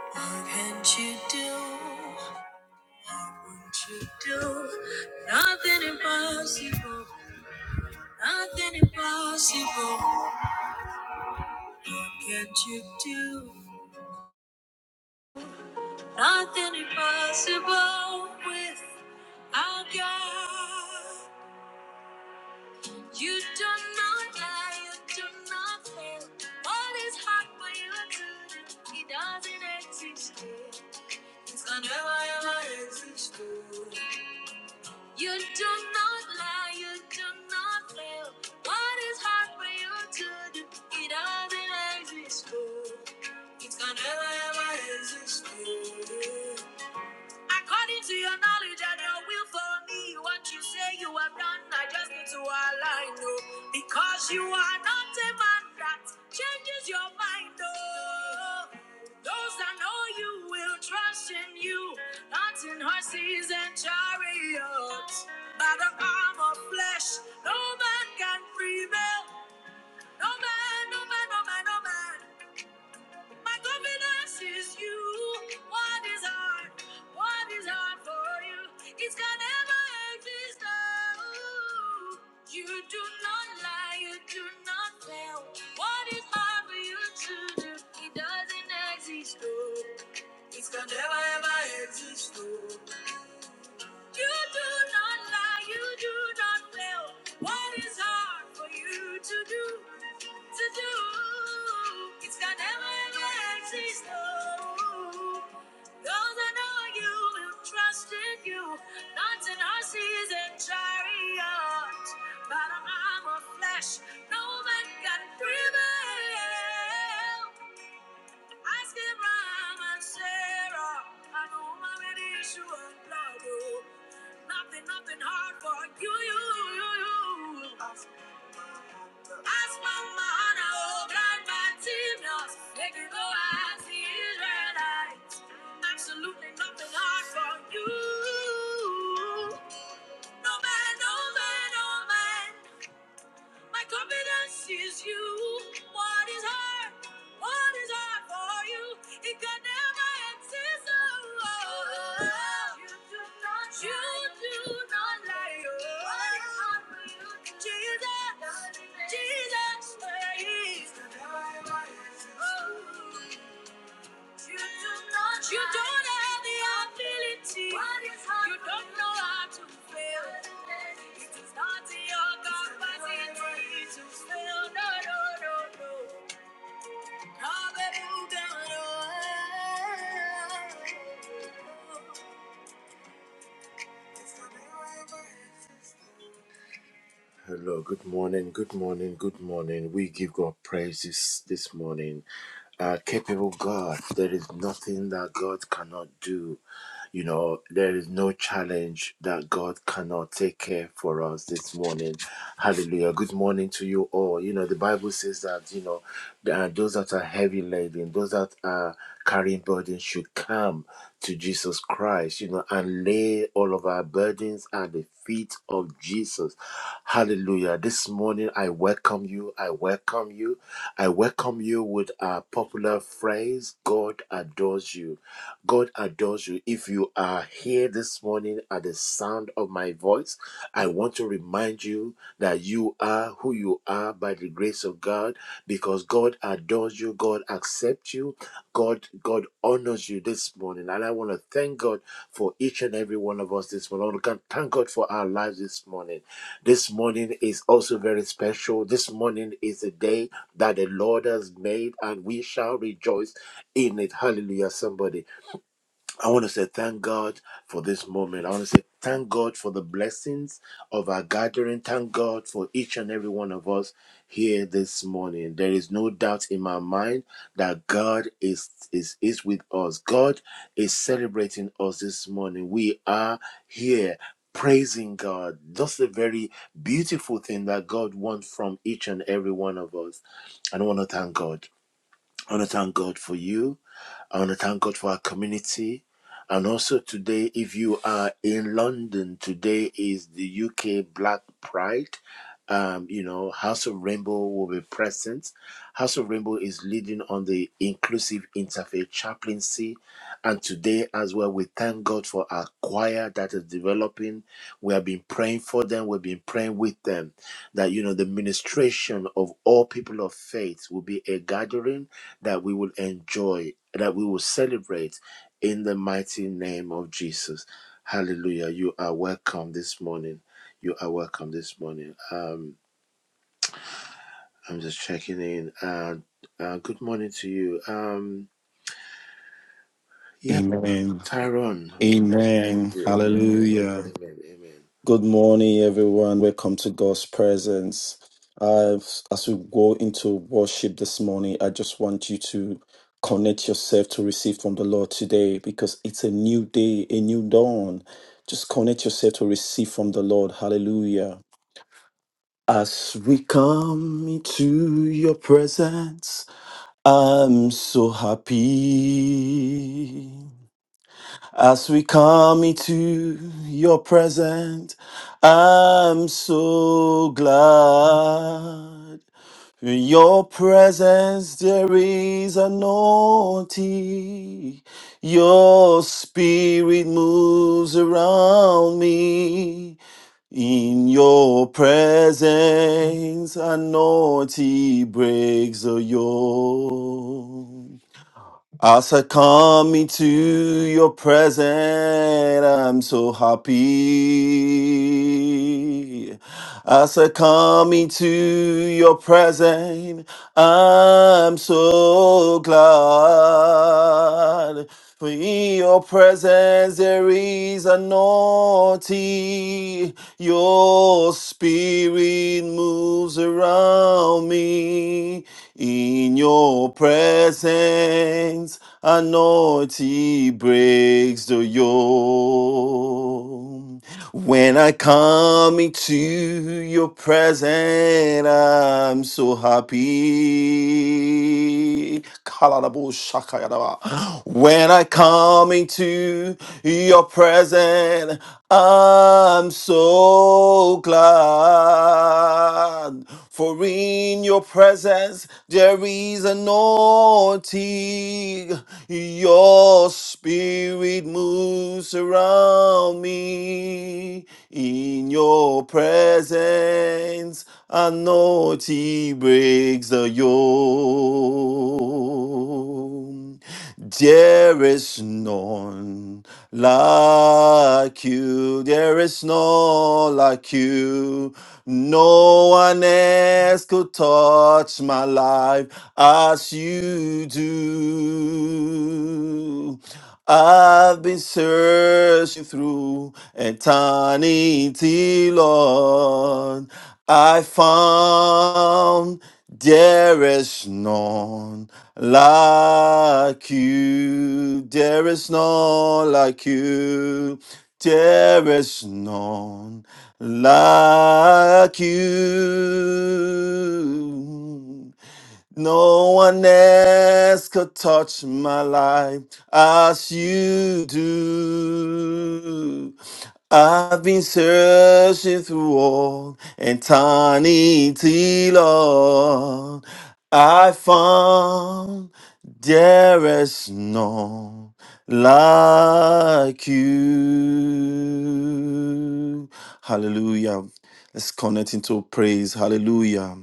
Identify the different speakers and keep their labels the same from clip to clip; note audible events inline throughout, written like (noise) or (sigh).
Speaker 1: What can't you do? Won't you do? Nothing impossible. Nothing impossible. What can't you do? Nothing impossible with our God. You do not lie. You do not fail. What is hard for you to do? He doesn't exist. It's never ever exist. You do not lie, you do not fail. What is hard for you to do? It doesn't exist. oh. It's gonna never ever exist. Oh. According to your knowledge and your will for me, what you say you have done, I just need to align, oh. Because you are not a man that changes your mind, oh. Those that know you will trust in you, not in horses and chariots. By the arm of flesh, no man can prevail. No man, no man, no man, no man. My confidence is you. What is hard? What is hard for you? It can never exist. Oh, you do not lie. You do not fail. What is hard for you to do? It doesn't exist. Oh, it can never ever exist. Oh, you do not lie. You do not fail. What is hard for you to do? to do. It's got never ever exist. No. Those that know you will trust in you. Not in horses and chariot, but an arm of flesh. No man can prevail. Ask Abraham and Sarah, I know my issue of blood. oh. Nothing, nothing hard for you, you, you, you. Ask Mama Hannah, oh, Grandma Timnas, they can go as the Israelites. Absolutely nothing hard for you. No man, no man, no man. My confidence is you. What is hard? What is hard for you? It can never exist. Oh, you don't you do not lie. Oh, Jesus, Jesus, please. Oh. You do not, you don't have the ability. you don't know how to fail. It is not in your capacity to fail. No, no, no, no. Hallelujah. Hello, good morning, good morning, good morning. We give God praises this morning. Uh, capable God, there is nothing that God cannot do. You know, there is no challenge that God cannot take care for us this morning. Hallelujah. Good morning to you all. You know, the Bible says that, you know, uh, those that are heavy laden, those that are carrying burdens should come to Jesus Christ, you know, and lay all of our burdens at the feet of Jesus. Hallelujah. This morning, I welcome you. I welcome you. I welcome you with our popular phrase God adores you. God adores you. If you are here this morning at the sound of my voice, I want to remind you that you are who you are by the grace of God because God adores you, God accepts you, God God honors you this morning. And I want to thank God for each and every one of us this morning. I want to thank God for our lives this morning. This morning is also very special. This morning is a day that the Lord has made and we shall rejoice in it. Hallelujah, somebody. I want to say thank God for this moment. I want to say thank God for the blessings of our gathering. Thank God for each and every one of us here this morning. There is no doubt in my mind that God is is is with us. God is celebrating us this morning. We are here praising God. That's a very beautiful thing that God wants from each and every one of us. And I want to thank God. I want to thank God for you. I want to thank God for our community. And also today, if you are in London, today is the UK Black Pride. Um, you know, House of Rainbow will be present. House of Rainbow is leading on the inclusive interfaith chaplaincy. And today as well, we thank God for our choir that is developing. We have been praying for them, we've been praying with them that you know the ministration of all people of faith will be a gathering that we will enjoy, that we will celebrate in the mighty name of Jesus. Hallelujah. You are welcome this morning. You are welcome this morning. Um, I'm just checking in. Uh, uh, good morning to you. Um, yeah,
Speaker 2: Amen.
Speaker 1: Tyrone.
Speaker 2: Amen.
Speaker 1: Amen, amen,
Speaker 2: Hallelujah.
Speaker 1: amen, amen.
Speaker 2: Good morning, everyone. Welcome to God's presence. Uh, as we go into worship this morning, I just want you to connect yourself to receive from the Lord today because it's a new day, a new dawn. Just connect yourself to receive from the Lord. Hallelujah. As we come into your presence, I'm so happy. As we come into your presence, I'm so glad. In your presence, there is a naughty. Your spirit moves around me. In your presence, a naughty breaks the yoke. I succumb me to your presence. I'm so happy. I succumb me to your presence. I'm so glad. For in your presence there is a naughty. Your spirit moves around me. In your presence, a naughty breaks the yoke. When I come into your presence, I'm so happy. Kalalabo-shakayadaba. When I come into your presence, I'm so glad. For in your presence there is an anointing. Your spirit moves around me. In your presence, anointing breaks the yoke you. There is none like you. There is none like you. No one else could touch my life as you do. I've been searching through eternity, Lord. I found there is none like you. There is none like you. There is none like you. No one else could touch my life as you do. I've been searching through all eternity, Lord. I found there is none like you. Hallelujah. Let's connect into praise. Hallelujah.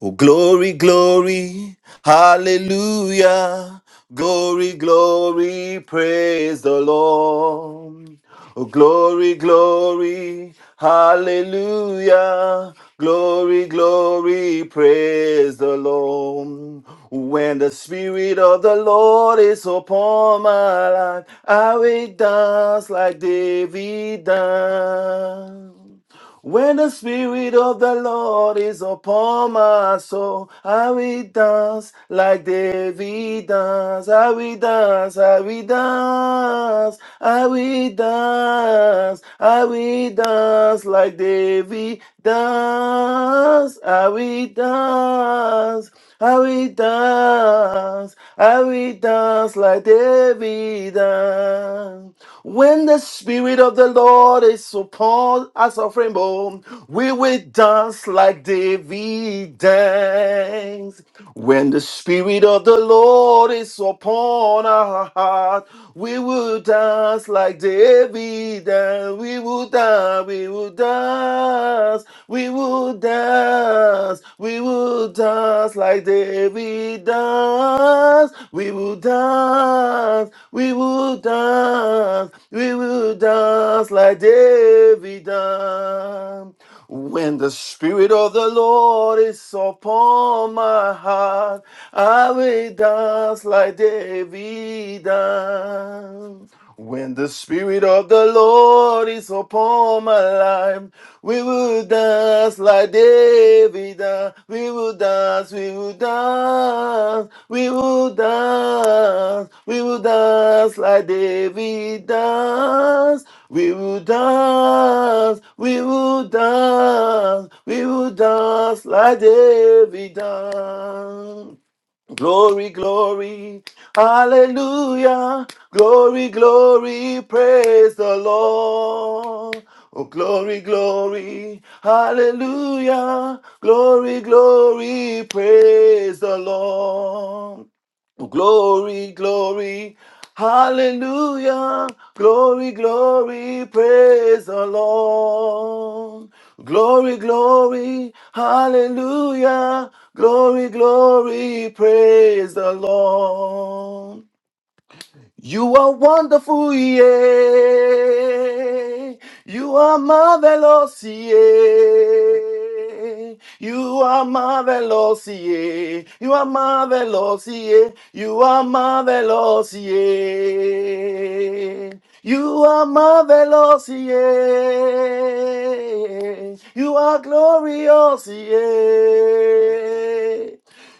Speaker 2: Oh, glory, glory, hallelujah. Glory, glory, praise the Lord. Oh, glory, glory, hallelujah. Glory, glory, praise the Lord. When the Spirit of the Lord is upon my life, I will dance like David danced. When the Spirit of the Lord is upon my soul, I will dance like David dance. I will dance, I will dance, I will dance, I will dance like David dance. I will dance, I will dance, I will dance like David evident. When the Spirit of the Lord is upon us, a rainbow, we will dance like David danced. When the Spirit of the Lord is upon our heart, we will dance like David danced. We will dance, we will dance, we will dance dance, we will dance like David danced. We will dance, we will dance, we will dance like David danced. When the Spirit of the Lord is upon my heart, I will dance like David danced. When the Spirit of the Lord is upon my life, we will dance like David. danced. We will dance, we will dance, we will dance, we will dance like David danced. We will dance, we will dance, we will dance like David danced. Glory, glory, hallelujah. Glory, glory, praise the Lord. Oh, glory, glory, hallelujah. Glory, glory, praise the Lord. Glory, glory, hallelujah. Glory, glory, praise the Lord. Glory, glory, hallelujah. Glory, glory, praise the Lord. You are wonderful, yeah. You are marvelous, yeah. You are marvelous, yeah. You are marvelous, yeah. You are marvelous, yeah. You are marvelous, yeah. You are glorious, yeah.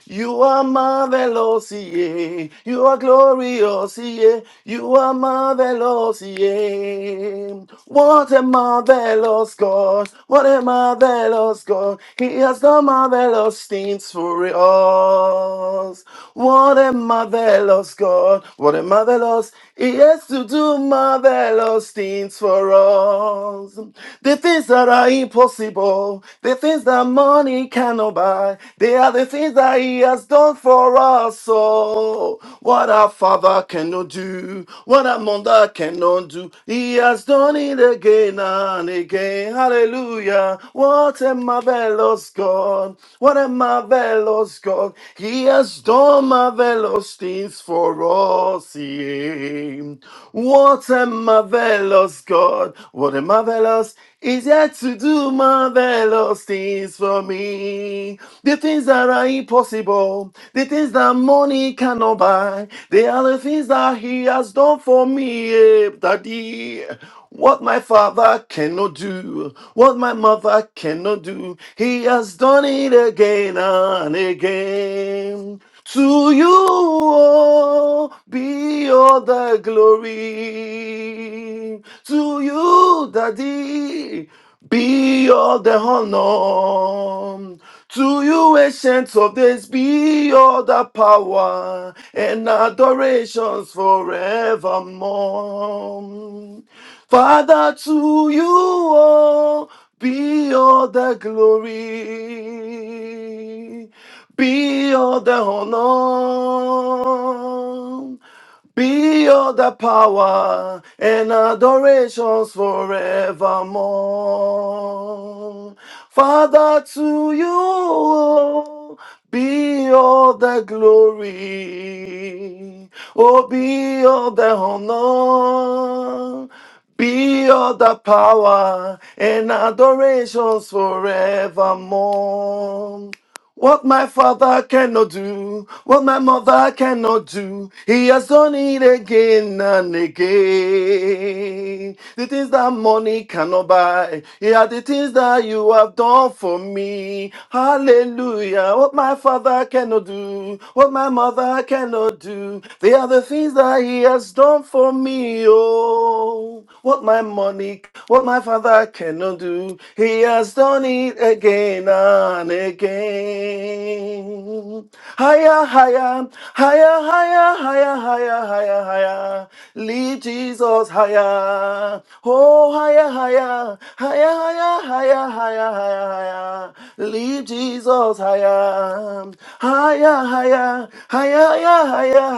Speaker 2: You are marvelous, yeah. You are glorious, yeah. You are marvelous, yeah. What a marvelous God. What a marvelous God. He has done marvelous things for us. What a marvelous God. What a marvelous. He has to do marvelous things for us. The things that are impossible. The things that money cannot buy, they are the things that He has done for us. So, what our Father cannot do, what our Mother cannot do, He has done it again and again. Hallelujah. What a marvelous God. What a marvelous God. He has done marvelous things for us. Yeah. What a marvelous God. What a marvelous He's yet to do marvelous things for me. The things that are impossible, the things that money cannot buy, they are the things that He has done for me, eh, Daddy. What my father cannot do, what my mother cannot do, He has done it again and again. To you oh, be all the glory. To you, Daddy, be all the honor. To you, ancient of days, be all the power and adorations forevermore. Father, to you oh, be all the glory. Be all the honor, be all the power and adorations forevermore. Father, to you be all the glory, oh, be all the honor. Be all the power and adorations forevermore. What my father cannot do, what my mother cannot do, he has done it again and again. The things that money cannot buy, yeah, the things that you have done for me. Hallelujah. What my father cannot do, what my mother cannot do, they are the things that he has done for me. oh. Oh, what my money, what my father cannot do, he has done it again and again. Higher, higher, higher, higher, higher, higher, higher, higher. Lead Jesus higher. Oh, higher, higher, higher, higher, higher, higher, higher, higher. Lead Jesus Jesus higher, um, higher, higher, higher, higher, higher,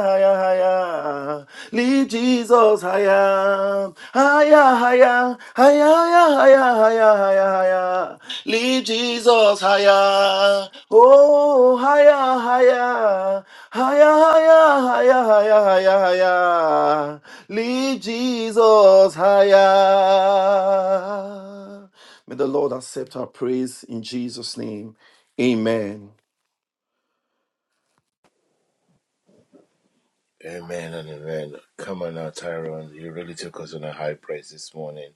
Speaker 2: higher, higher. Lift Jesus higher, higher, higher, higher, higher, higher, higher, higher. Lift Jesus higher, oh higher, higher, higher, higher, higher, higher, higher. Lift Jesus higher. May the Lord accept our praise in Jesus' name. Amen.
Speaker 1: Amen and amen. Come on now, Tyrone. You really took us on a high praise this morning.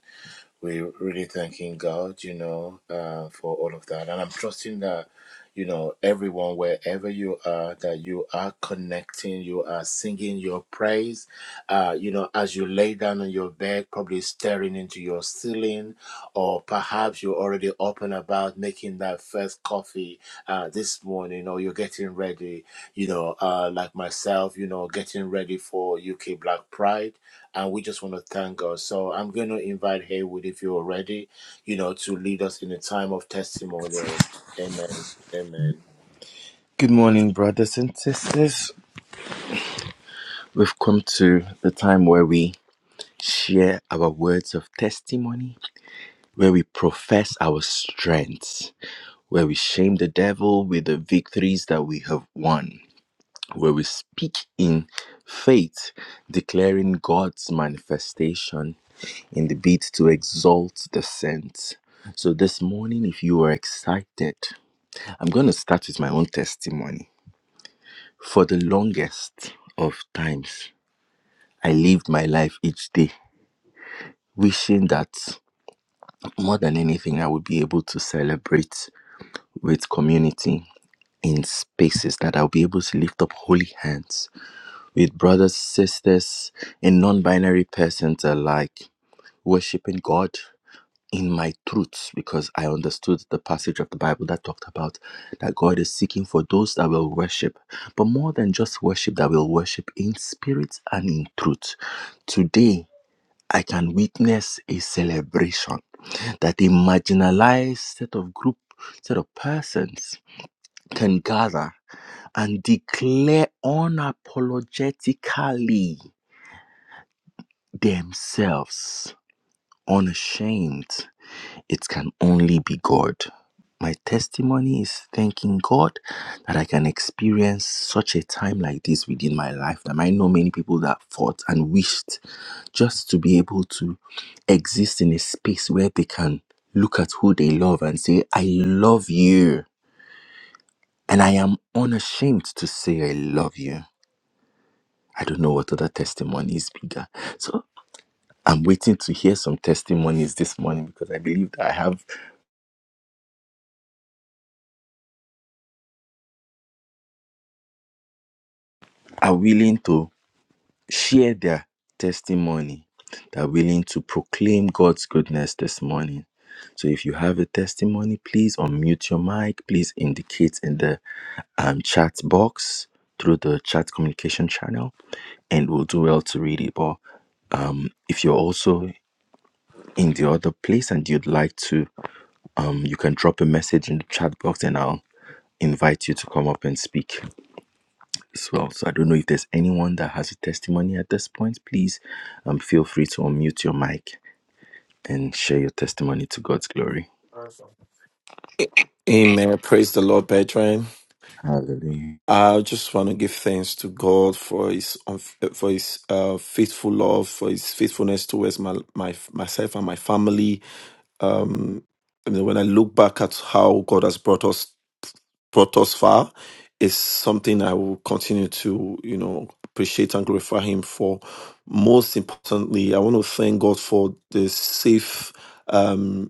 Speaker 1: we're really thanking God, you know, uh, for all of that. And I'm trusting that, you know, everyone, wherever you are, that you are connecting, you are singing your praise, uh, you know, as you lay down on your bed, probably staring into your ceiling, or perhaps you're already up and about making that first coffee uh, this morning, or you're getting ready, you know, uh, like myself, you know, getting ready for UK Black Pride and we just want to thank God. So I'm going to invite Haywood, if you're ready, you know, to lead us in a time of testimonial. Amen. Amen.
Speaker 3: Good morning, brothers and sisters. We've come to the time where we share our words of testimony, where we profess our strengths, where we shame the devil with the victories that we have won, where we speak in faith, declaring God's manifestation in the beat to exalt the saints. So, this morning, if you are excited, I'm going to start with my own testimony. For the longest of times, I lived my life each day wishing that more than anything, I would be able to celebrate with community in spaces that I'll be able to lift up holy hands with brothers, sisters, and non binary persons alike, worshiping God in my truths because I understood the passage of the Bible that talked about that God is seeking for those that will worship, but more than just worship, that will worship in spirit and in truth. Today, I can witness a celebration that a marginalized set of group, set of persons can gather and declare unapologetically themselves unashamed It can only be God. My testimony is thanking God that I can experience such a time like this within my life. That I know many people that fought and wished just to be able to exist in a space where they can look at who they love and say, I love you. And I am unashamed to say, I love you. I don't know what other testimony is bigger. So I'm waiting to hear some testimonies this morning because I believe that I have are willing to share their testimony they are willing to proclaim God's goodness this morning. So if you have a testimony, please unmute your mic. Please indicate in the um, chat box through the chat communication channel, and we'll do well to read it. But um, if you're also in the other place and you'd like to, um, you can drop a message in the chat box, and I'll invite you to come up and speak as well. So I don't know if there's anyone that has a testimony at this point. Please um, feel free to unmute your mic and share your testimony to God's glory.
Speaker 2: Amen. Praise the Lord, brethren.
Speaker 3: Hallelujah.
Speaker 2: I just want to give thanks to God for His unf- for His uh, faithful love, for His faithfulness towards my, my myself and my family. Um, you know, when I look back at how God has brought us brought us far, it's something I will continue to you know appreciate and glorify Him for. Most importantly, I want to thank God for the safe. Um.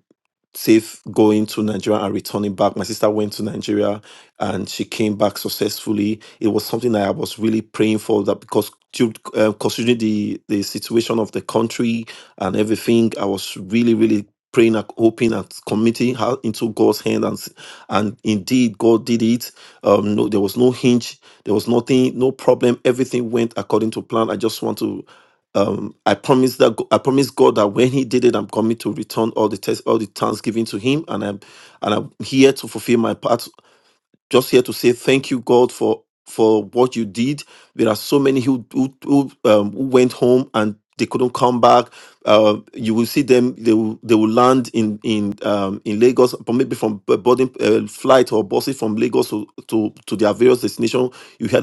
Speaker 2: safe going to Nigeria and returning back. My sister went to Nigeria and she came back successfully. It was something that I was really praying for that because due- uh, considering the the situation of the country and everything, I was really really praying and hoping and committing her into God's hand and s- and indeed God did it. Um, no, there was no hinge, there was nothing, no problem. Everything went according to plan. I just want to um, I promise that I promise God that when He did it, I'm just many who, who don't count. you see them they will land in um, in lagos or maybe from b- boarding uh, flight or buses from lagos to to, to Dijon. you had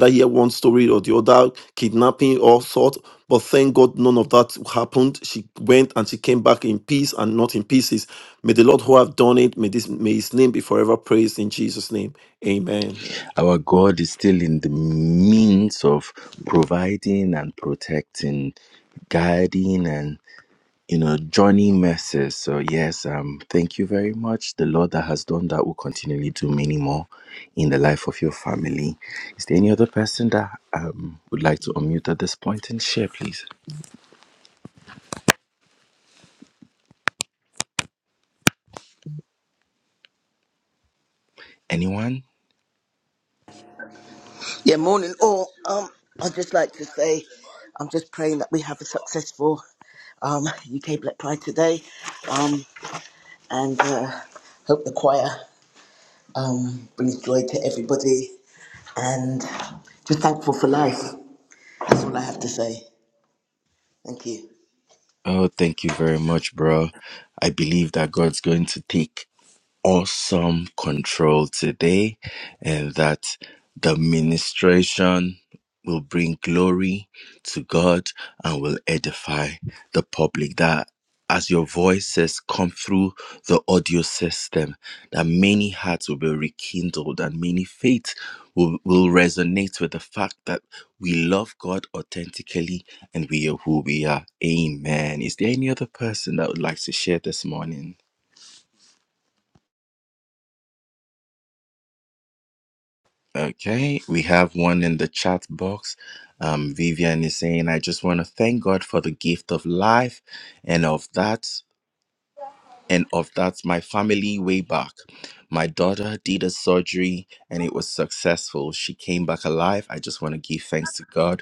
Speaker 2: kidnapping all sort but thank god none of that happened she went and she came back in peace and not in pieces may the lord who have done it may this may his name be forever praised in jesus name amen
Speaker 3: Our God is still in the means of providing and protecting, guiding and you know, joining mercies. So yes, um, thank you very much. The Lord that has done that will continually do many more in the life of your family. Is there any other person that um would like to unmute at this point and share, please? Anyone?
Speaker 4: Yeah, morning all. Um, I'd just like to say I'm just praying that we have a successful um, UK Black Pride today um, and uh, hope the choir um, brings joy to everybody and just thankful for life. That's all I have to say. Thank you.
Speaker 3: Oh, thank you very much, bro. I believe that God's going to take awesome control today and that the ministration will bring glory to God and will edify the public. That as your voices come through the audio system, that many hearts will be rekindled and many faiths will, will resonate with the fact that we love God authentically and we are who we are. Amen. Is there any other person that would like to share this morning? Okay, we have one in the chat box. Um, Vivian is saying, I just want to thank God for the gift of life and of that, and of that, my family way back. My daughter did a surgery and it was successful. She came back alive. I just want to give thanks to God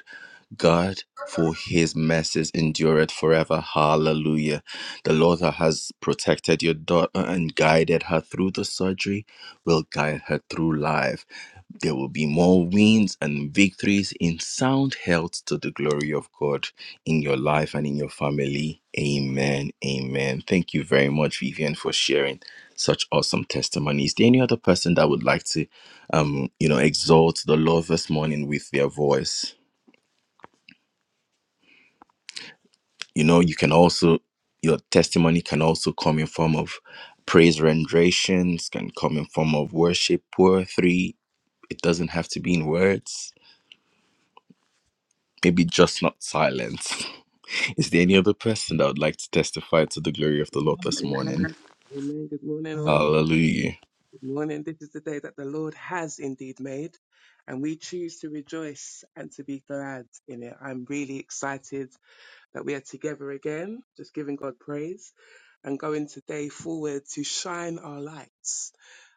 Speaker 3: God, for his mercies endureth forever. Hallelujah. The Lord that has protected your daughter and guided her through the surgery will guide her through life. There will be more wins and victories in sound health to the glory of God in your life and in your family. Amen. Amen. Thank you very much, Vivian, for sharing such awesome testimony. Is there any other person that would like to um, you know, exalt the Lord this morning with their voice? you know you can also your testimony can also come in form of praise renderations can come in form of worship poetry it doesn't have to be in words maybe just not silence (laughs) is there any other person that would like to testify to the glory of the lord
Speaker 5: Amen.
Speaker 3: this morning
Speaker 5: Amen. Amen. Good morning, all.
Speaker 3: hallelujah
Speaker 5: Good morning. This is the day that the Lord has indeed made, and we choose to rejoice and to be glad in it. I'm really excited that we are together again, just giving God praise and going today forward to shine our lights.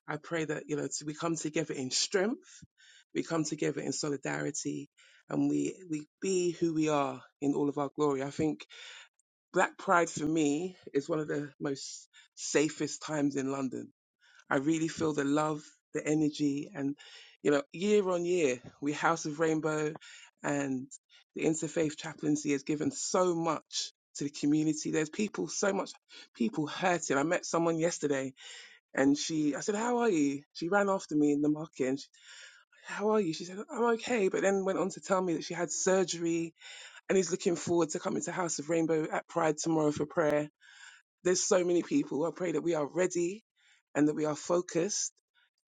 Speaker 5: I pray that, you know, to, we come together in strength, we come together in solidarity, and we, we be who we are in all of our glory. I think Black Pride for me is one of the most safest times in London. I really feel the love, the energy, and you know, year on year, we House of Rainbow and the Interfaith Chaplaincy has given so much to the community. There's people, so much people hurting. I met someone yesterday and she, I said, How are you? She ran after me in the market and she, How are you? She said, I'm okay, but then went on to tell me that she had surgery and is looking forward to coming to House of Rainbow at Pride tomorrow for prayer there's so many people. I pray that we are ready and that we are focused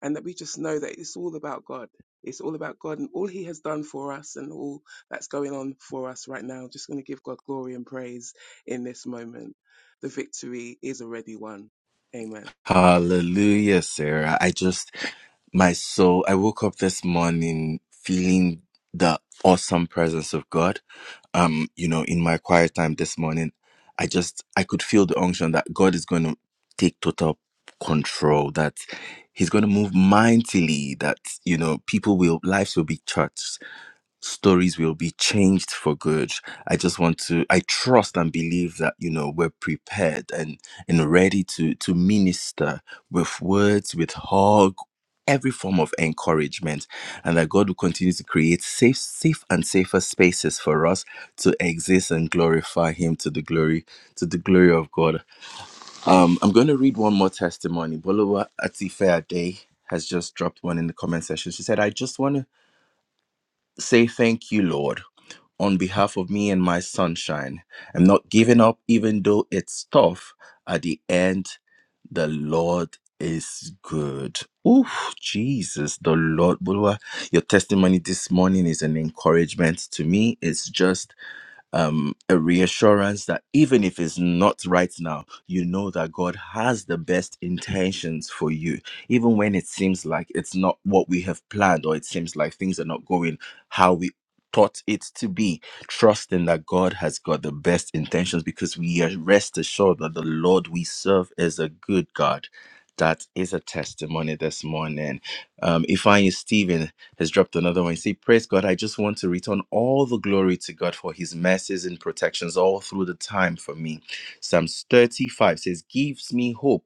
Speaker 5: and that we just know that it's all about God. It's all about God and all He has done for us and all that's going on for us right now. Just going to give God glory and praise in this moment. The victory is already won. Amen.
Speaker 3: Hallelujah, Sarah. I just, my soul, I woke up this morning feeling the awesome presence of God. Um, you know, in my quiet time this morning, I just, I could feel the unction that God is going to take total control, that He's going to move mightily, that, you know, people will, lives will be touched stories will be changed for good. I just want to I trust and believe that you know we're prepared and and ready to to minister with words, with hug, every form of encouragement and that God will continue to create safe safe and safer spaces for us to exist and glorify him to the glory to the glory of God. Um I'm going to read one more testimony. Bolowa Atifea Day has just dropped one in the comment section. She said I just want to Say thank you, Lord, on behalf of me and my sunshine. I'm not giving up, even though it's tough. At the end, the Lord is good. Ooh, Jesus, the Lord. Bulwa, Your testimony this morning is an encouragement to me. It's just um, a reassurance that even if it's not right now, you know that God has the best intentions for you. Even when it seems like it's not what we have planned or it seems like things are not going how we thought it to be, trusting that God has got the best intentions because we are rest assured that the Lord we serve is a good God. That is a testimony this morning. Um, Ifeanyi Stevens has dropped another one. Say, Praise God. I just want to return all the glory to God for his mercies and protections all through the time for me. Psalms 35 says, Gives me hope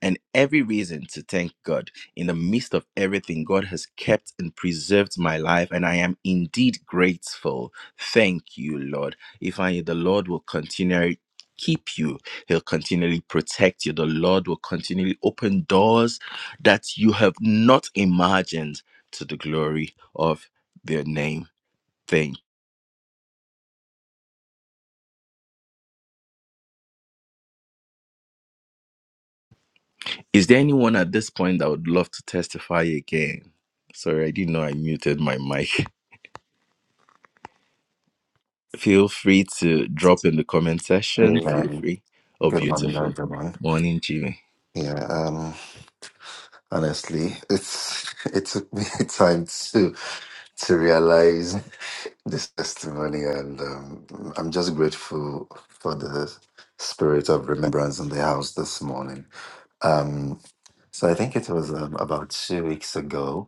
Speaker 3: and every reason to thank God. In the midst of everything, God has kept and preserved my life, and I am indeed grateful. Thank you, Lord. If I, the Lord will continue. Keep you. He'll continually protect you. The Lord will continually open doors that you have not imagined to the glory of their name. Thank. Is there anyone at this point that would love to testify again? Sorry, I didn't know I muted my mic. (laughs) Feel free to drop in the comment section.
Speaker 6: Yeah,
Speaker 3: Feel free. Oh,
Speaker 6: good morning,
Speaker 3: beautiful.
Speaker 6: everyone.
Speaker 3: Morning, Jimmy.
Speaker 6: Yeah, um, honestly, it's (laughs) it took me (laughs) time to to realize this testimony, and um, I'm just grateful for the spirit of remembrance in the house this morning. Um, so I think it was um, about two weeks ago.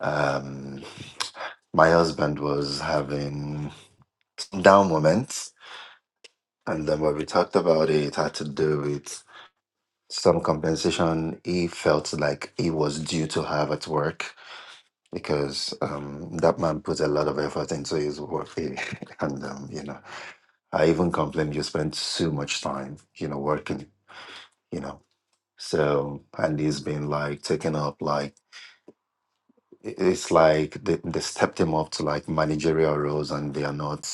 Speaker 6: Um, my husband was having some down moments, and then when we talked about it, it had to do with some compensation he felt like he was due to have at work because um, that man put a lot of effort into his work. (laughs) and, um, you know, I even complained you spend too much time, you know, working, you know. So, and he's been like taken up, like, i- it's like they, they stepped him up to like managerial roles and they are not.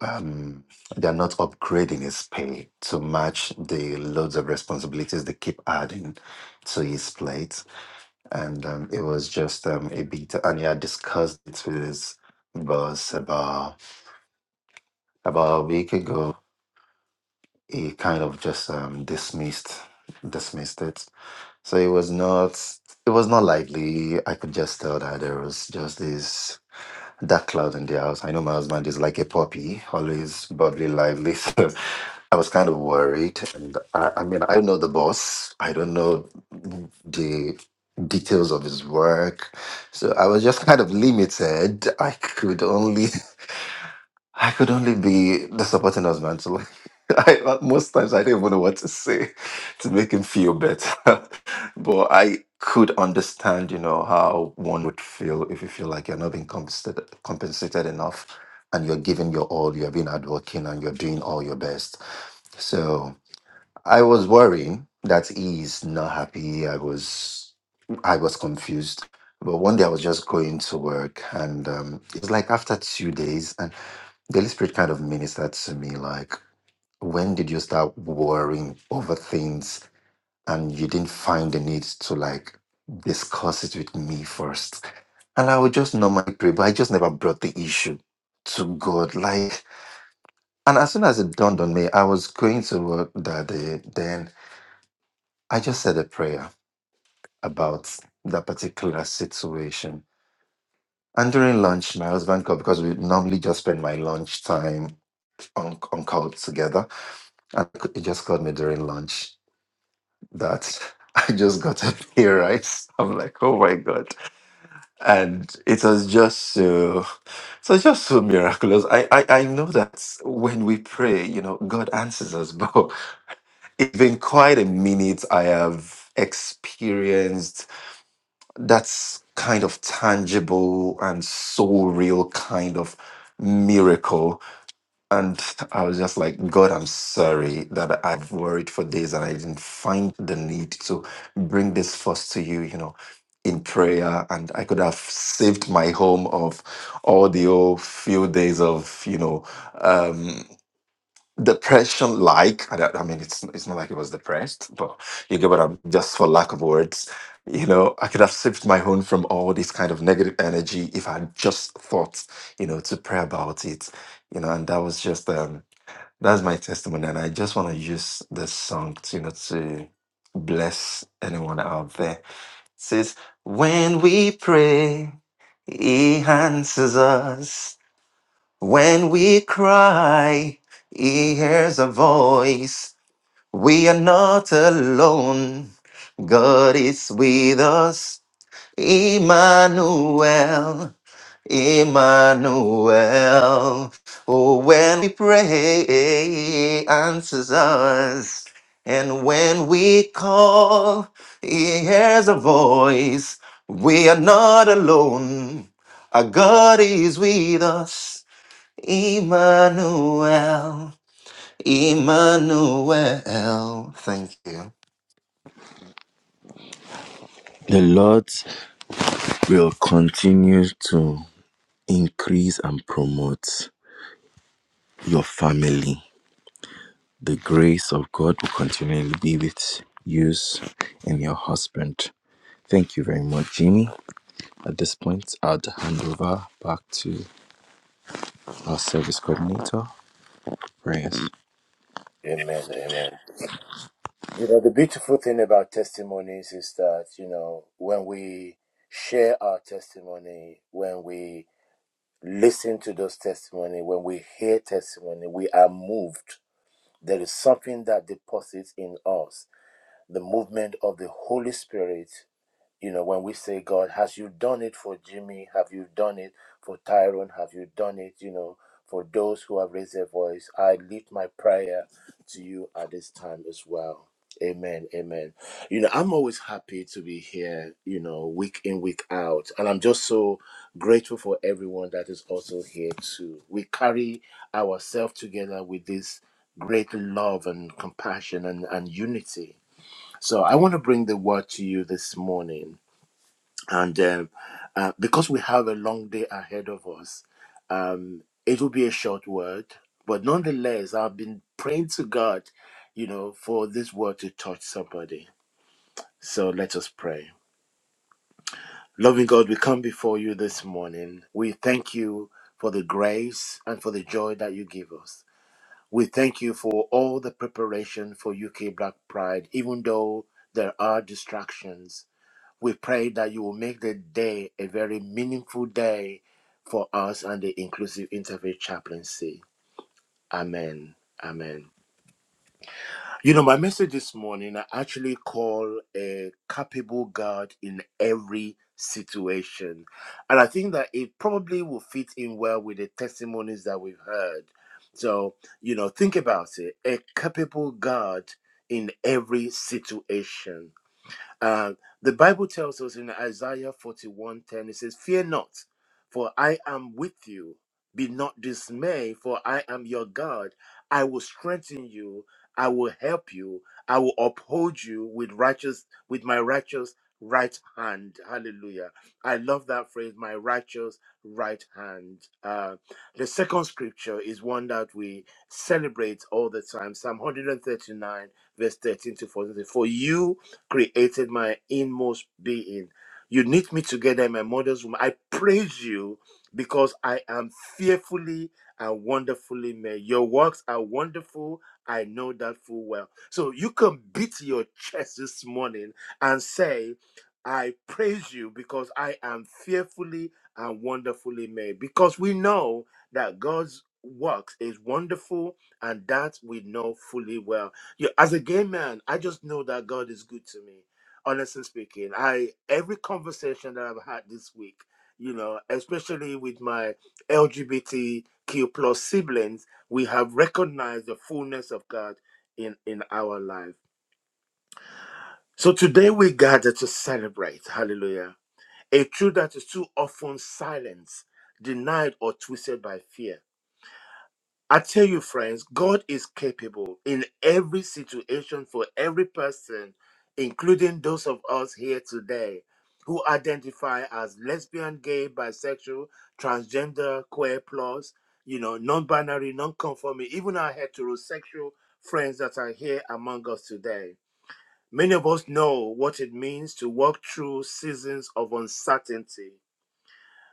Speaker 6: Um, they're not upgrading his pay to match the loads of responsibilities they keep adding to his plate and um, it was just um, a bit. And he had discussed it with his boss about about a week ago. He kind of just um, dismissed dismissed it. So it was not it was not likely. I could just tell that there was just this. dark cloud in the house. I know my husband is like a puppy, always bubbly, lively. (laughs) So I was kind of worried. And I, I mean, I don't know the boss. I don't know the details of his work. So I was just kind of limited. I could only (laughs) I could only be the supporting husband. So like, (laughs) I, uh, most times I didn't even know what to say to make him feel better. (laughs) but I could understand, you know, how one would feel if you feel like you're not being compensated, compensated enough and you're giving your all, you're being hardworking and you're doing all your best. So I was worrying that he's not happy. I was, I was confused. But one day I was just going to work and um, it was like after two days the Holy Spirit kind of ministered to me like, when did you start worrying over things and you didn't find the need to like discuss it with me first? And I would just normally pray, but I just never brought the issue to God. Like, and as soon as it dawned on me, I was going to work that day, then I just said a prayer about that particular situation. And during lunch, my husband called because we normally just spend my lunch time on, on call together. And it just called me during lunch that (laughs) I just got a (laughs) pay rise. I'm like, oh my God. And it was just so, so it's just so miraculous. I, I, I know that when we pray, you know, God answers us, (laughs) but it's been quite a minute I have experienced that's kind of tangible and so real kind of miracle And I was just like, God, I'm sorry that I've worried for days and I didn't find the need to bring this first to you, you know, in prayer. And I could have saved my home of all the old few days of, you know, um, depression like. I, don't- I mean, it's, it's not like it was depressed, but you get what I'm just for lack of words. You know, I could have saved my home from all this kind of negative energy if I had just thought, you know, to pray about it you know, and that was just um, that's my testimony, and I just want to use this song to, you know, to bless anyone out there. It says, When we pray, He answers us. When we cry, He hears a voice. We are not alone. God is with us. Emmanuel. Emmanuel. Oh, when we pray, he answers us. And when we call, he hears a voice. We are not alone. Our God is with us. Emmanuel. Emmanuel. Thank you.
Speaker 3: The Lord will continue to increase and promote your family. The grace of God will continually be with you and your husband. Thank you very much, Jimmy. At this point, I'll hand over back to our service coordinator, Prayers.
Speaker 1: Amen. Amen. You know, the beautiful thing about testimonies is that, you know, when we share our testimony, when we listen to those testimony, when we hear testimony, we are moved. There is something that deposits in us the movement of the Holy Spirit You know, when we say, God, has you done it for Jimmy? Have you done it for Tyrone? Have you done it, you know, for those who have raised their voice? I lift my prayer to you at this time as well. Amen. Amen. You know, I'm always happy to be here, you know, week in, week out. And I'm just so grateful for everyone that is also here too. We carry ourselves together with this great love and compassion and, and unity. So I want to bring the word to you this morning and uh, uh, because we have a long day ahead of us, um, it will be a short word. But nonetheless, I've been praying to God, you know, for this word to touch somebody. So let us pray. Loving God, we come before you this morning. We thank you for the grace and for the joy that you give us. We thank you for all the preparation for UK Black Pride, even though there are distractions we pray that you will make the day a very meaningful day for us and the inclusive interfaith chaplaincy. Amen. Amen. You know, my message this morning, I actually call a capable God in every situation. And I think that it probably will fit in well with the testimonies that we've heard. So, you know, think about it a capable God in every situation. Uh, the Bible tells us in Isaiah 41 10. it says, Fear not, for I am with you. Be not dismayed, for I am your God. I will strengthen you. I will help you. I will uphold you with righteous, with my righteous right hand. Hallelujah. I love that phrase, my righteous right hand. Uh, the second scripture is one that we celebrate all the time Psalm 139, verse 13 to 14. For you created my inmost being. You knit me together in my mother's womb. I praise you because I am fearfully and wonderfully made. Your works are wonderful. I know that full well. So you can beat your chest this morning and say, I praise you because I am fearfully and wonderfully made. Because we know that God's works is wonderful and that we know fully well. Yeah, as a gay man, I just know that God is good to me. Honestly speaking, I every conversation that I've had this week, you know, especially with my LGBTQ plus siblings, we have recognized the fullness of God in in our life. So today we gather to celebrate, Hallelujah, a truth that is too often silenced, denied, or twisted by fear. I tell you, friends, God is capable in every situation for every person, including those of us here today who identify as lesbian, gay, bisexual, transgender, queer plus, you know, non binary, non conforming, even our heterosexual friends that are here among us today. Many of us know what it means to walk through seasons of uncertainty.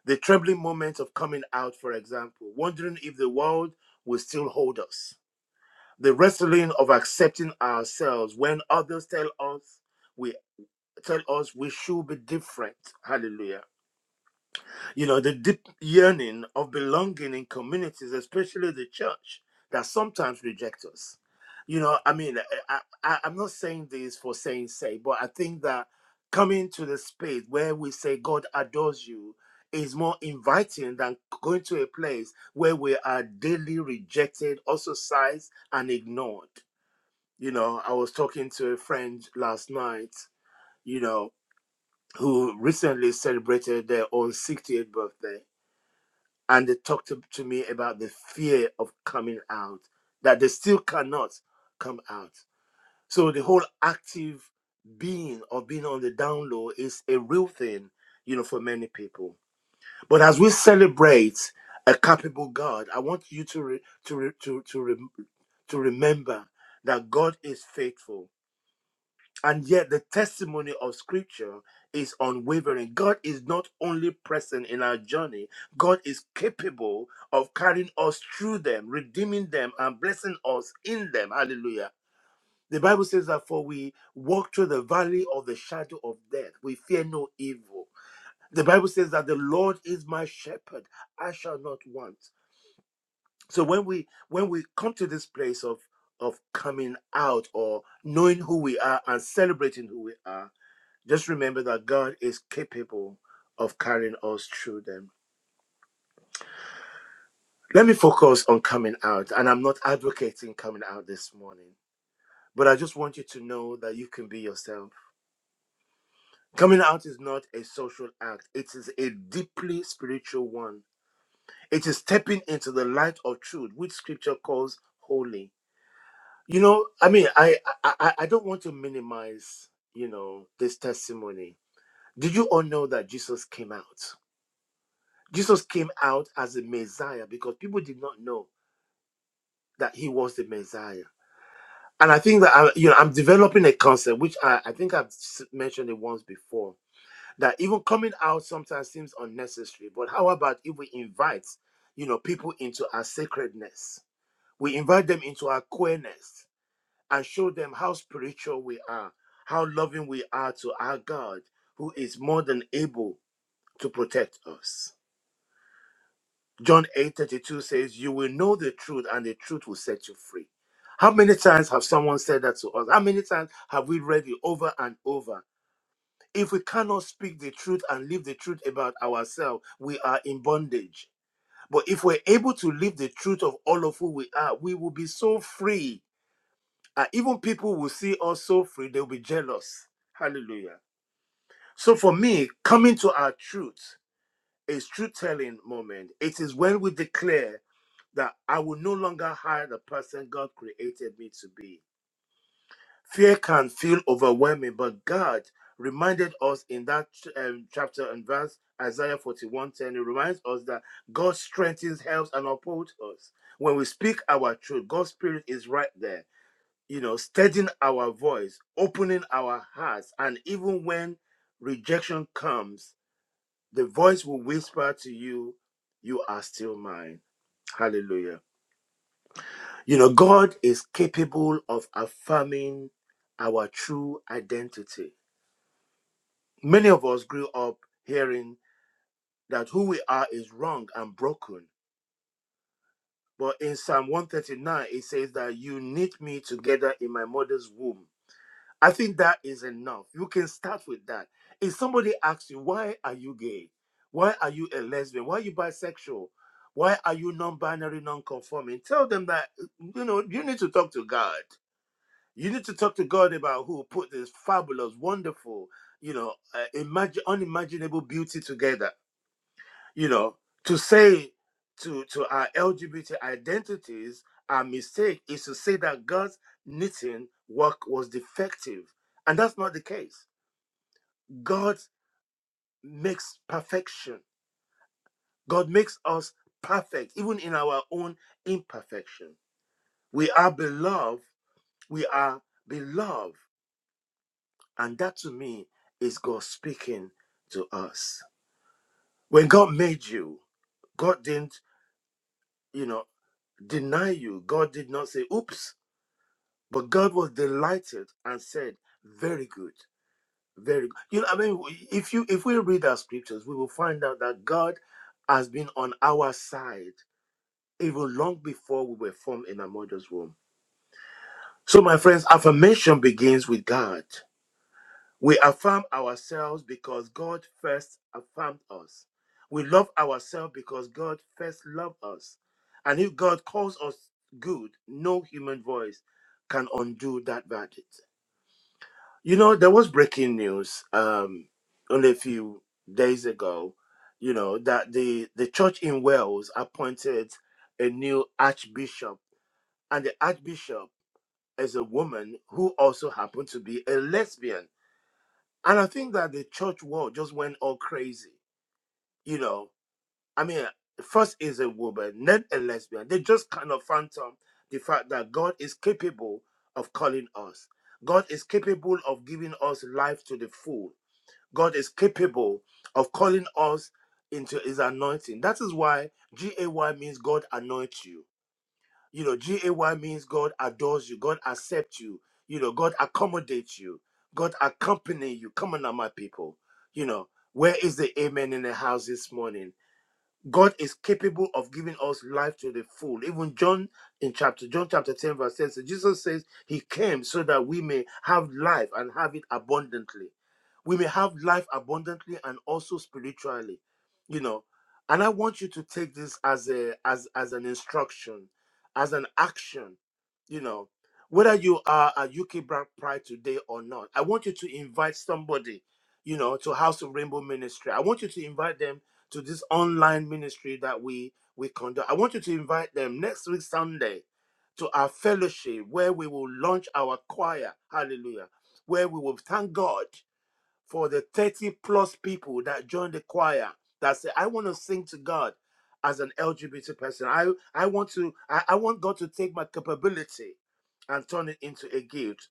Speaker 1: The trembling moment of coming out, for example, wondering if the world will still hold us the wrestling of accepting ourselves when others tell us we tell us we should be different hallelujah you know the deep yearning of belonging in communities especially the church that sometimes reject us you know i mean I, I i'm not saying this for saying say but i think that coming to the space where we say god adores you is more inviting than going to a place where we are daily rejected ostracized and ignored you know, I was talking to a friend last night, you know, who recently celebrated their own 60th birthday, and they talked to, to me about the fear of coming out, that they still cannot come out. So the whole active being or being on the down low is a real thing, you know, for many people. But as we celebrate a capable God, I want you to re, to re, to to, rem to remember that God is faithful And yet, the testimony of Scripture is unwavering. God is not only present in our journey, God is capable of carrying us through them, redeeming them, and blessing us in them. Hallelujah. The Bible says that for we walk through the valley of the shadow of death, we fear no evil. The Bible says that the Lord is my shepherd, I shall not want. So when we when we come to this place of of coming out or knowing who we are and celebrating who we are, just remember that God is capable of carrying us through them. Let me focus on coming out, and I'm not advocating coming out this morning, but I just want you to know that you can be yourself. Coming out is not a social act, it is a deeply spiritual one. It is stepping into the light of truth, which scripture calls holy. You know, I mean, I I, I I don't want to minimize, you know, this testimony. Did you all know that Jesus came out? Jesus came out as a Messiah because people did not know that he was the Messiah. And I think that I, you know I'm developing a concept which I, I think I've s- mentioned it once before that even coming out sometimes seems unnecessary. But how about if we invite you know people into our sacredness? We invite them into our queerness and show them how spiritual we are, how loving we are to our God, who is more than able to protect us. John 8:32 says, "You will know the truth, and the truth will set you free." How many times have someone said that to us? How many times have we read it over and over? If we cannot speak the truth and live the truth about ourselves, we are in bondage. But if we're able to live the truth of all of who we are, we will be so free. And even people will see us so free, they'll be jealous. Hallelujah. So for me, coming to our truth is truth telling moment. It is when we declare that I will no longer hide the person God created me to be. Fear can feel overwhelming, but God reminded us in that um, chapter and verse, Isaiah 41:10. it reminds us that God strengthens, helps, and upholds us. When we speak our truth, God's Spirit is right there, you know, steadying our voice, opening our hearts. And even when rejection comes, the voice will whisper to you, You are still mine. Hallelujah. You know, God is capable of affirming our true identity. Many of us grew up hearing that who we are is wrong and broken. But in Psalm 139, it says that you knit me together in my mother's womb. I think that is enough. You can start with that. If somebody asks you, why are you gay? Why are you a lesbian? Why are you bisexual? Why are you non binary, non conforming? Tell them that, you know, you need to talk to God You need to talk to God about who put this fabulous, wonderful, you know, uh, imagine unimaginable beauty together. You know, to say to to our LGBT identities, our mistake is to say that God's knitting work was defective, and that's not the case. God makes perfection. God makes us perfect, even in our own imperfection. We are beloved. We are beloved. And that to me is God speaking to us. When God made you, God didn't, you know, deny you. God did not say, oops. But God was delighted and said, very good, very good. You know, I mean, if you if we read our scriptures, we will find out that God has been on our side even long before we were formed in our mother's womb. So, my friends, affirmation begins with God. We affirm ourselves because God first affirmed us. We love ourselves because God first loved us. And if God calls us good, no human voice can undo that verdict. You know, there was breaking news um, only a few days ago, you know, that the, the church in Wales appointed a new archbishop. And the archbishop is a woman who also happened to be a lesbian and I think that the church world just went all crazy. You know, I mean, first is a woman, then a lesbian. They just kind of phantom the fact that God is capable of calling us. God is capable of giving us life to the full. God is capable of calling us into his anointing. That is why G A Y means God anoints you. You know, G A Y means God adores you, God accepts you, you know, God accommodates you, God accompany you. Come on now, my people. You know, where is the amen in the house this morning? God is capable of giving us life to the full. Even John in chapter John chapter 10 verse 10 so Jesus says he came so that we may have life and have it abundantly. We may have life abundantly and also spiritually. You know, and I want you to take this as a as as an instruction, as an action, you know. Whether you are a UK Black Pride today or not, I want you to invite somebody, you know, to House of Rainbow Ministry. I want you to invite them to this online ministry that we we conduct. I want you to invite them next week Sunday to our fellowship where we will launch our choir. Hallelujah. Where we will thank God for the 30 plus people that joined the choir that say, I want to sing to God as an LGBT person. I, I want to I, I want God to take my capability and turn it into a gift.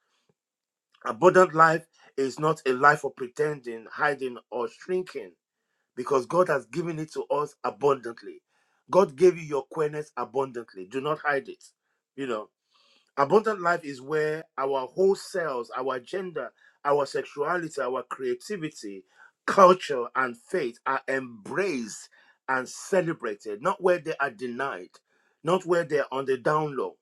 Speaker 1: Abundant life is not a life of pretending, hiding, or shrinking because God has given it to us abundantly. God gave you your queerness abundantly. Do not hide it. You know, abundant life is where our whole selves, our gender, our sexuality, our creativity, culture, and faith are embraced and celebrated, not where they are denied, not where they are on the down low.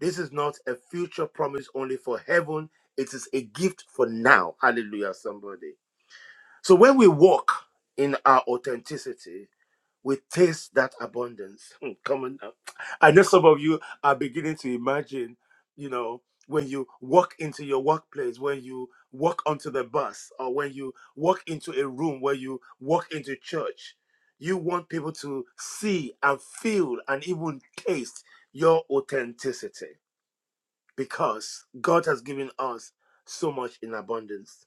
Speaker 1: This is not a future promise only for heaven. It is a gift for now. Hallelujah, somebody. So when we walk in our authenticity, we taste that abundance. Hmm, Come on now. I know some of you are beginning to imagine, you know, when you walk into your workplace, when you walk onto the bus, or when you walk into a room, where you walk into church, you want people to see and feel and even taste your authenticity because God has given us so much in abundance.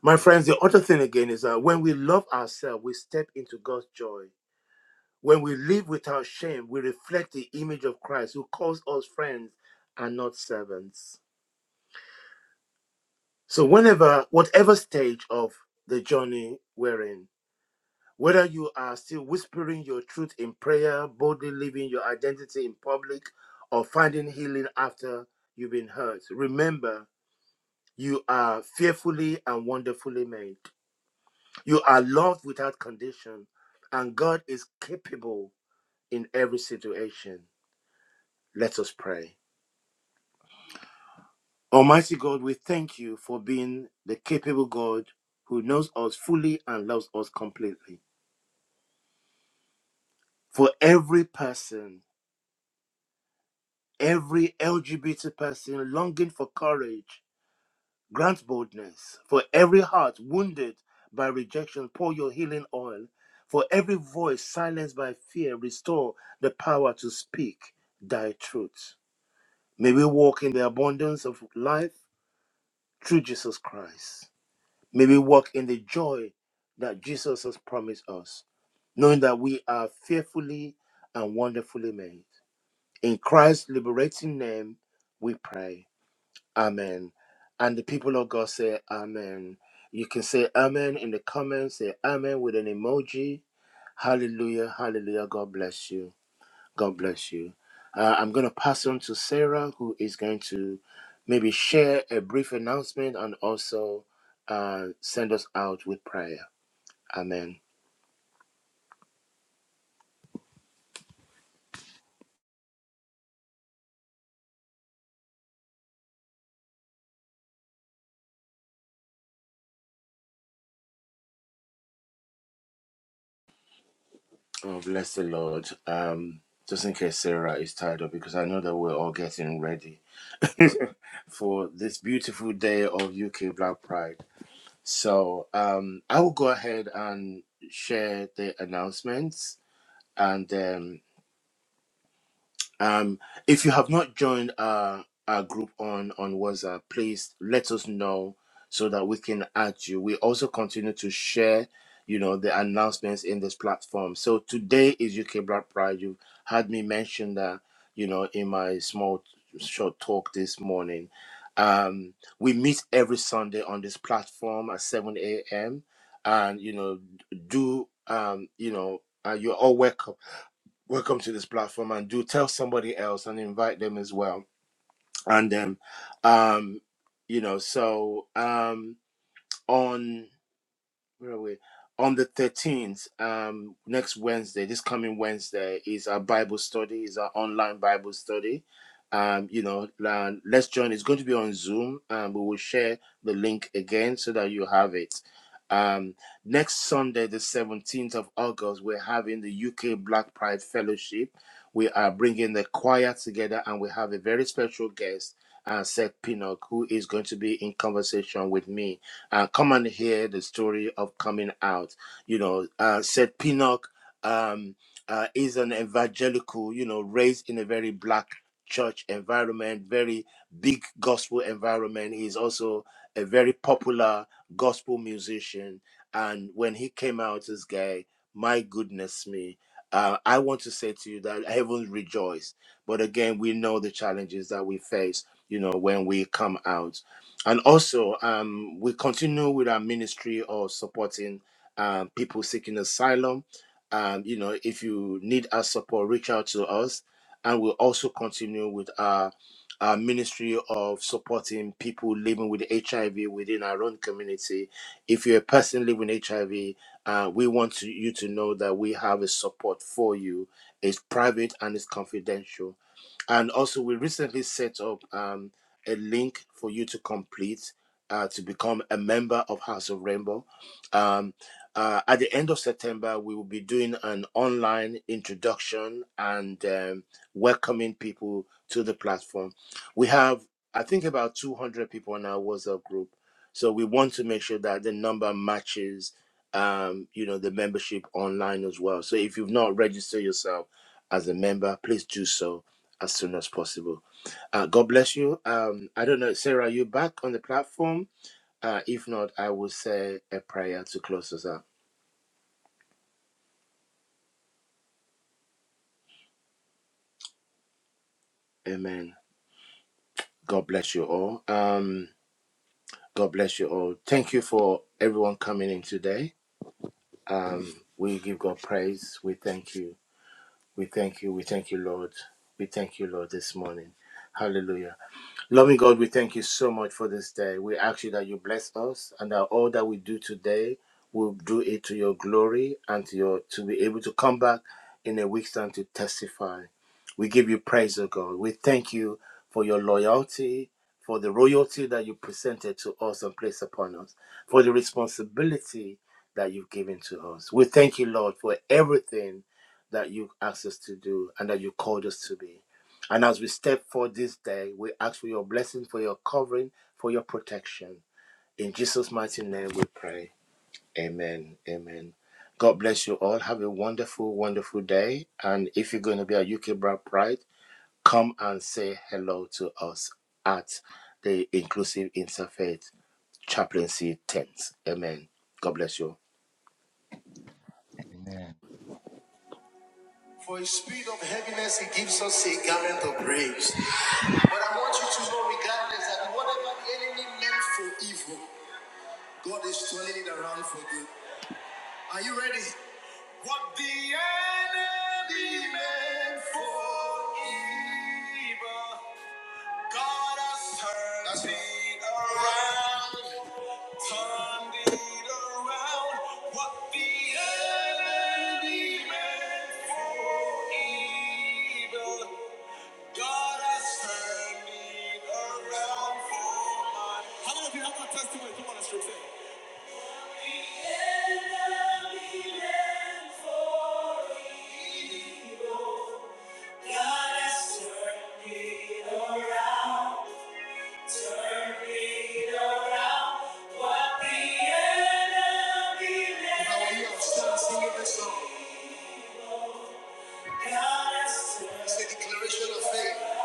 Speaker 1: My friends, the other thing again is that when we love ourselves, we step into God's joy when we live without shame, we reflect the image of Christ who calls us friends and not servants. So, whenever, whatever stage of the journey we're in, whether you are still whispering your truth in prayer, boldly living your identity in public, or finding healing after you've been hurt, remember you are fearfully and wonderfully made. You are loved without condition, and God is capable in every situation. Let us pray. Almighty God, we thank you for being the capable God who knows us fully and loves us completely. For every person, every LGBT person longing for courage, grant boldness. For every heart wounded by rejection, pour your healing oil. For every voice silenced by fear, restore the power to speak thy truth. May we walk in the abundance of life through Jesus Christ. May we walk in the joy that Jesus has promised us, knowing that we are fearfully and wonderfully made. In Christ's liberating name, we pray. Amen. And the people of God say, Amen. You can say Amen in the comments, say Amen with an emoji. Hallelujah, hallelujah. God bless you. God bless you. Uh, I'm going to pass on to Sarah, who is going to maybe share a brief announcement and also uh, send us out with prayer. Amen. Oh, bless the Lord. Um, just in case Sarah is tired up, because I know that we're all getting ready (laughs) for this beautiful day of UK Black Pride. So um, I will go ahead and share the announcements, and Um, if you have not joined our, our group on, on WhatsApp, please let us know so that we can add you. We also continue to share, you know, the announcements in this platform. So today is UK Black Pride. You've had me mention that, you know, in my small short talk this morning. Um, we meet every Sunday on this platform at 7 a.m. And, you know, do, um, you know, uh, you're all welcome welcome to this platform and do tell somebody else and invite them as well and um um you know so um on where are we? On the 13th, um, next Wednesday, this coming Wednesday, is our Bible study, is our online Bible study. Um, you know, uh, let's join. It's going to be on Zoom. Um, we will share the link again so that you have it. Um, next Sunday, the 17th of August, we're having the UK Black Pride Fellowship. We are bringing the choir together and we have a very special guest, uh, Seth Pinnock, who is going to be in conversation with me uh, come and hear the story of coming out. You know, uh, said Pinnock um, uh, is an evangelical, you know, raised in a very black church environment, very big gospel environment. He's also a very popular gospel musician. And when he came out as gay, my goodness me. Uh, I want to say to you that heaven rejoice. But again, we know the challenges that we face, you know, when we come out and also um, we continue with our ministry of supporting um, people seeking asylum um, you know if you need our support reach out to us and we'll also continue with our, our ministry of supporting people living with hiv within our own community if you're a person living with hiv uh, we want to, you to know that we have a support for you it's private and it's confidential and also we recently set up um, a link for you to complete uh, to become a member of House of Rainbow. Um, uh, at the end of September, we will be doing an online introduction and um, welcoming people to the platform. We have, I think, about 200 people in our WhatsApp group. So we want to make sure that the number matches, um, you know, the membership online as well. So if you've not registered yourself as a member, please do so as soon as possible. Uh, God bless you. Um, I don't know, Sarah, are you back on the platform? Uh, if not, I will say a prayer to close us up. Amen. God bless you all. Um, God bless you all. Thank you for everyone coming in today. Um, we give God praise. We thank you. We thank you. We thank you, Lord. We thank you, Lord, this morning. Hallelujah. Loving God, we thank you so much for this day. We ask you that you bless us and that all that we do today, we'll do it to your glory and to your to be able to come back in a week's time to testify. We give you praise, O God. We thank you for your loyalty, for the royalty that you presented to us and placed upon us, for the responsibility that you've given to us. We thank you, Lord, for everything that you asked us to do and that you called us to be. And as we step forward this day, we ask for your blessing, for your covering, for your protection. In Jesus' mighty name we pray. Amen. Amen. God bless you all. Have a wonderful, wonderful day. And if you're going to be at UK bride, Pride, come and say hello to us at the Inclusive Interfaith Chaplaincy Tent. Amen. God bless you.
Speaker 7: Amen.
Speaker 1: For a spirit of heaviness, he gives us a garment of praise. But I want you to know, regardless, that whatever the enemy meant for evil, God is turning it around for good. Are you ready? What the enemy meant for evil, God has turned it. around. Turned around. What the enemy has done. Declaration of faith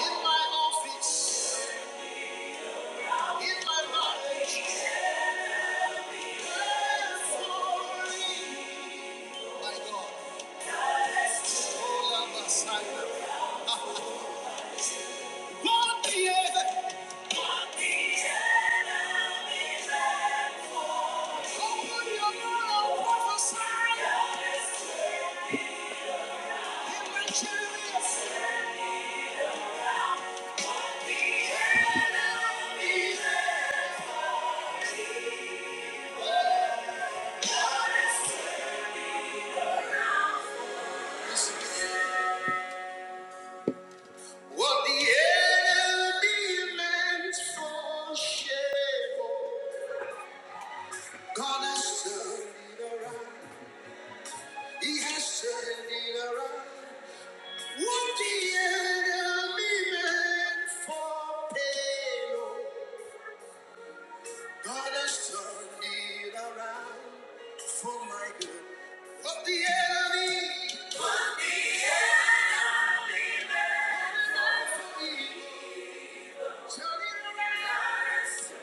Speaker 1: in my office, in my life, my God, all of us, I know. What the heck? What the enemy meant for shame, God has turned it around. He has turned it around. What the enemy meant for pain, oh, God has turned it around for my good. What the enemy meant for evil. Some of us,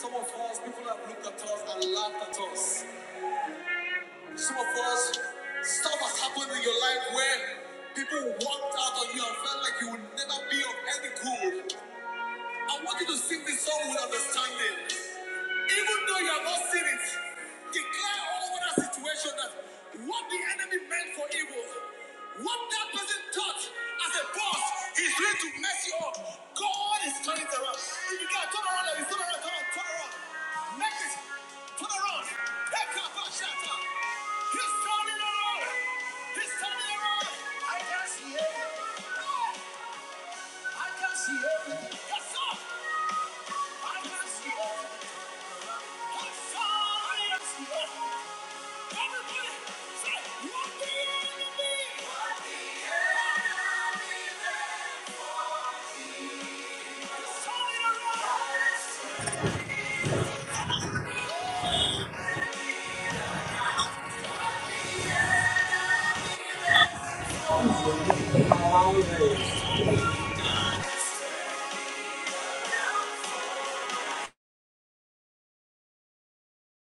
Speaker 1: people have looked at us and laughed at us. Some of us, stuff has happened in your life where people walked out on you and felt like you would never be of any good. I want you to sing this song with understanding. Even though you have not seen it, declare over that situation that what the enemy meant for evil, what that person thought as a boss, he's going to mess you up. God is turning it around. If you can turn around, if you turn around, turn around, turn around. Make it. Turn around. Take up a shatter. He's turning around. He's turning around. I can see it. I can see it. Yes, sir. I can see it. Yes, sir. I can see it. Everybody.
Speaker 8: Hello.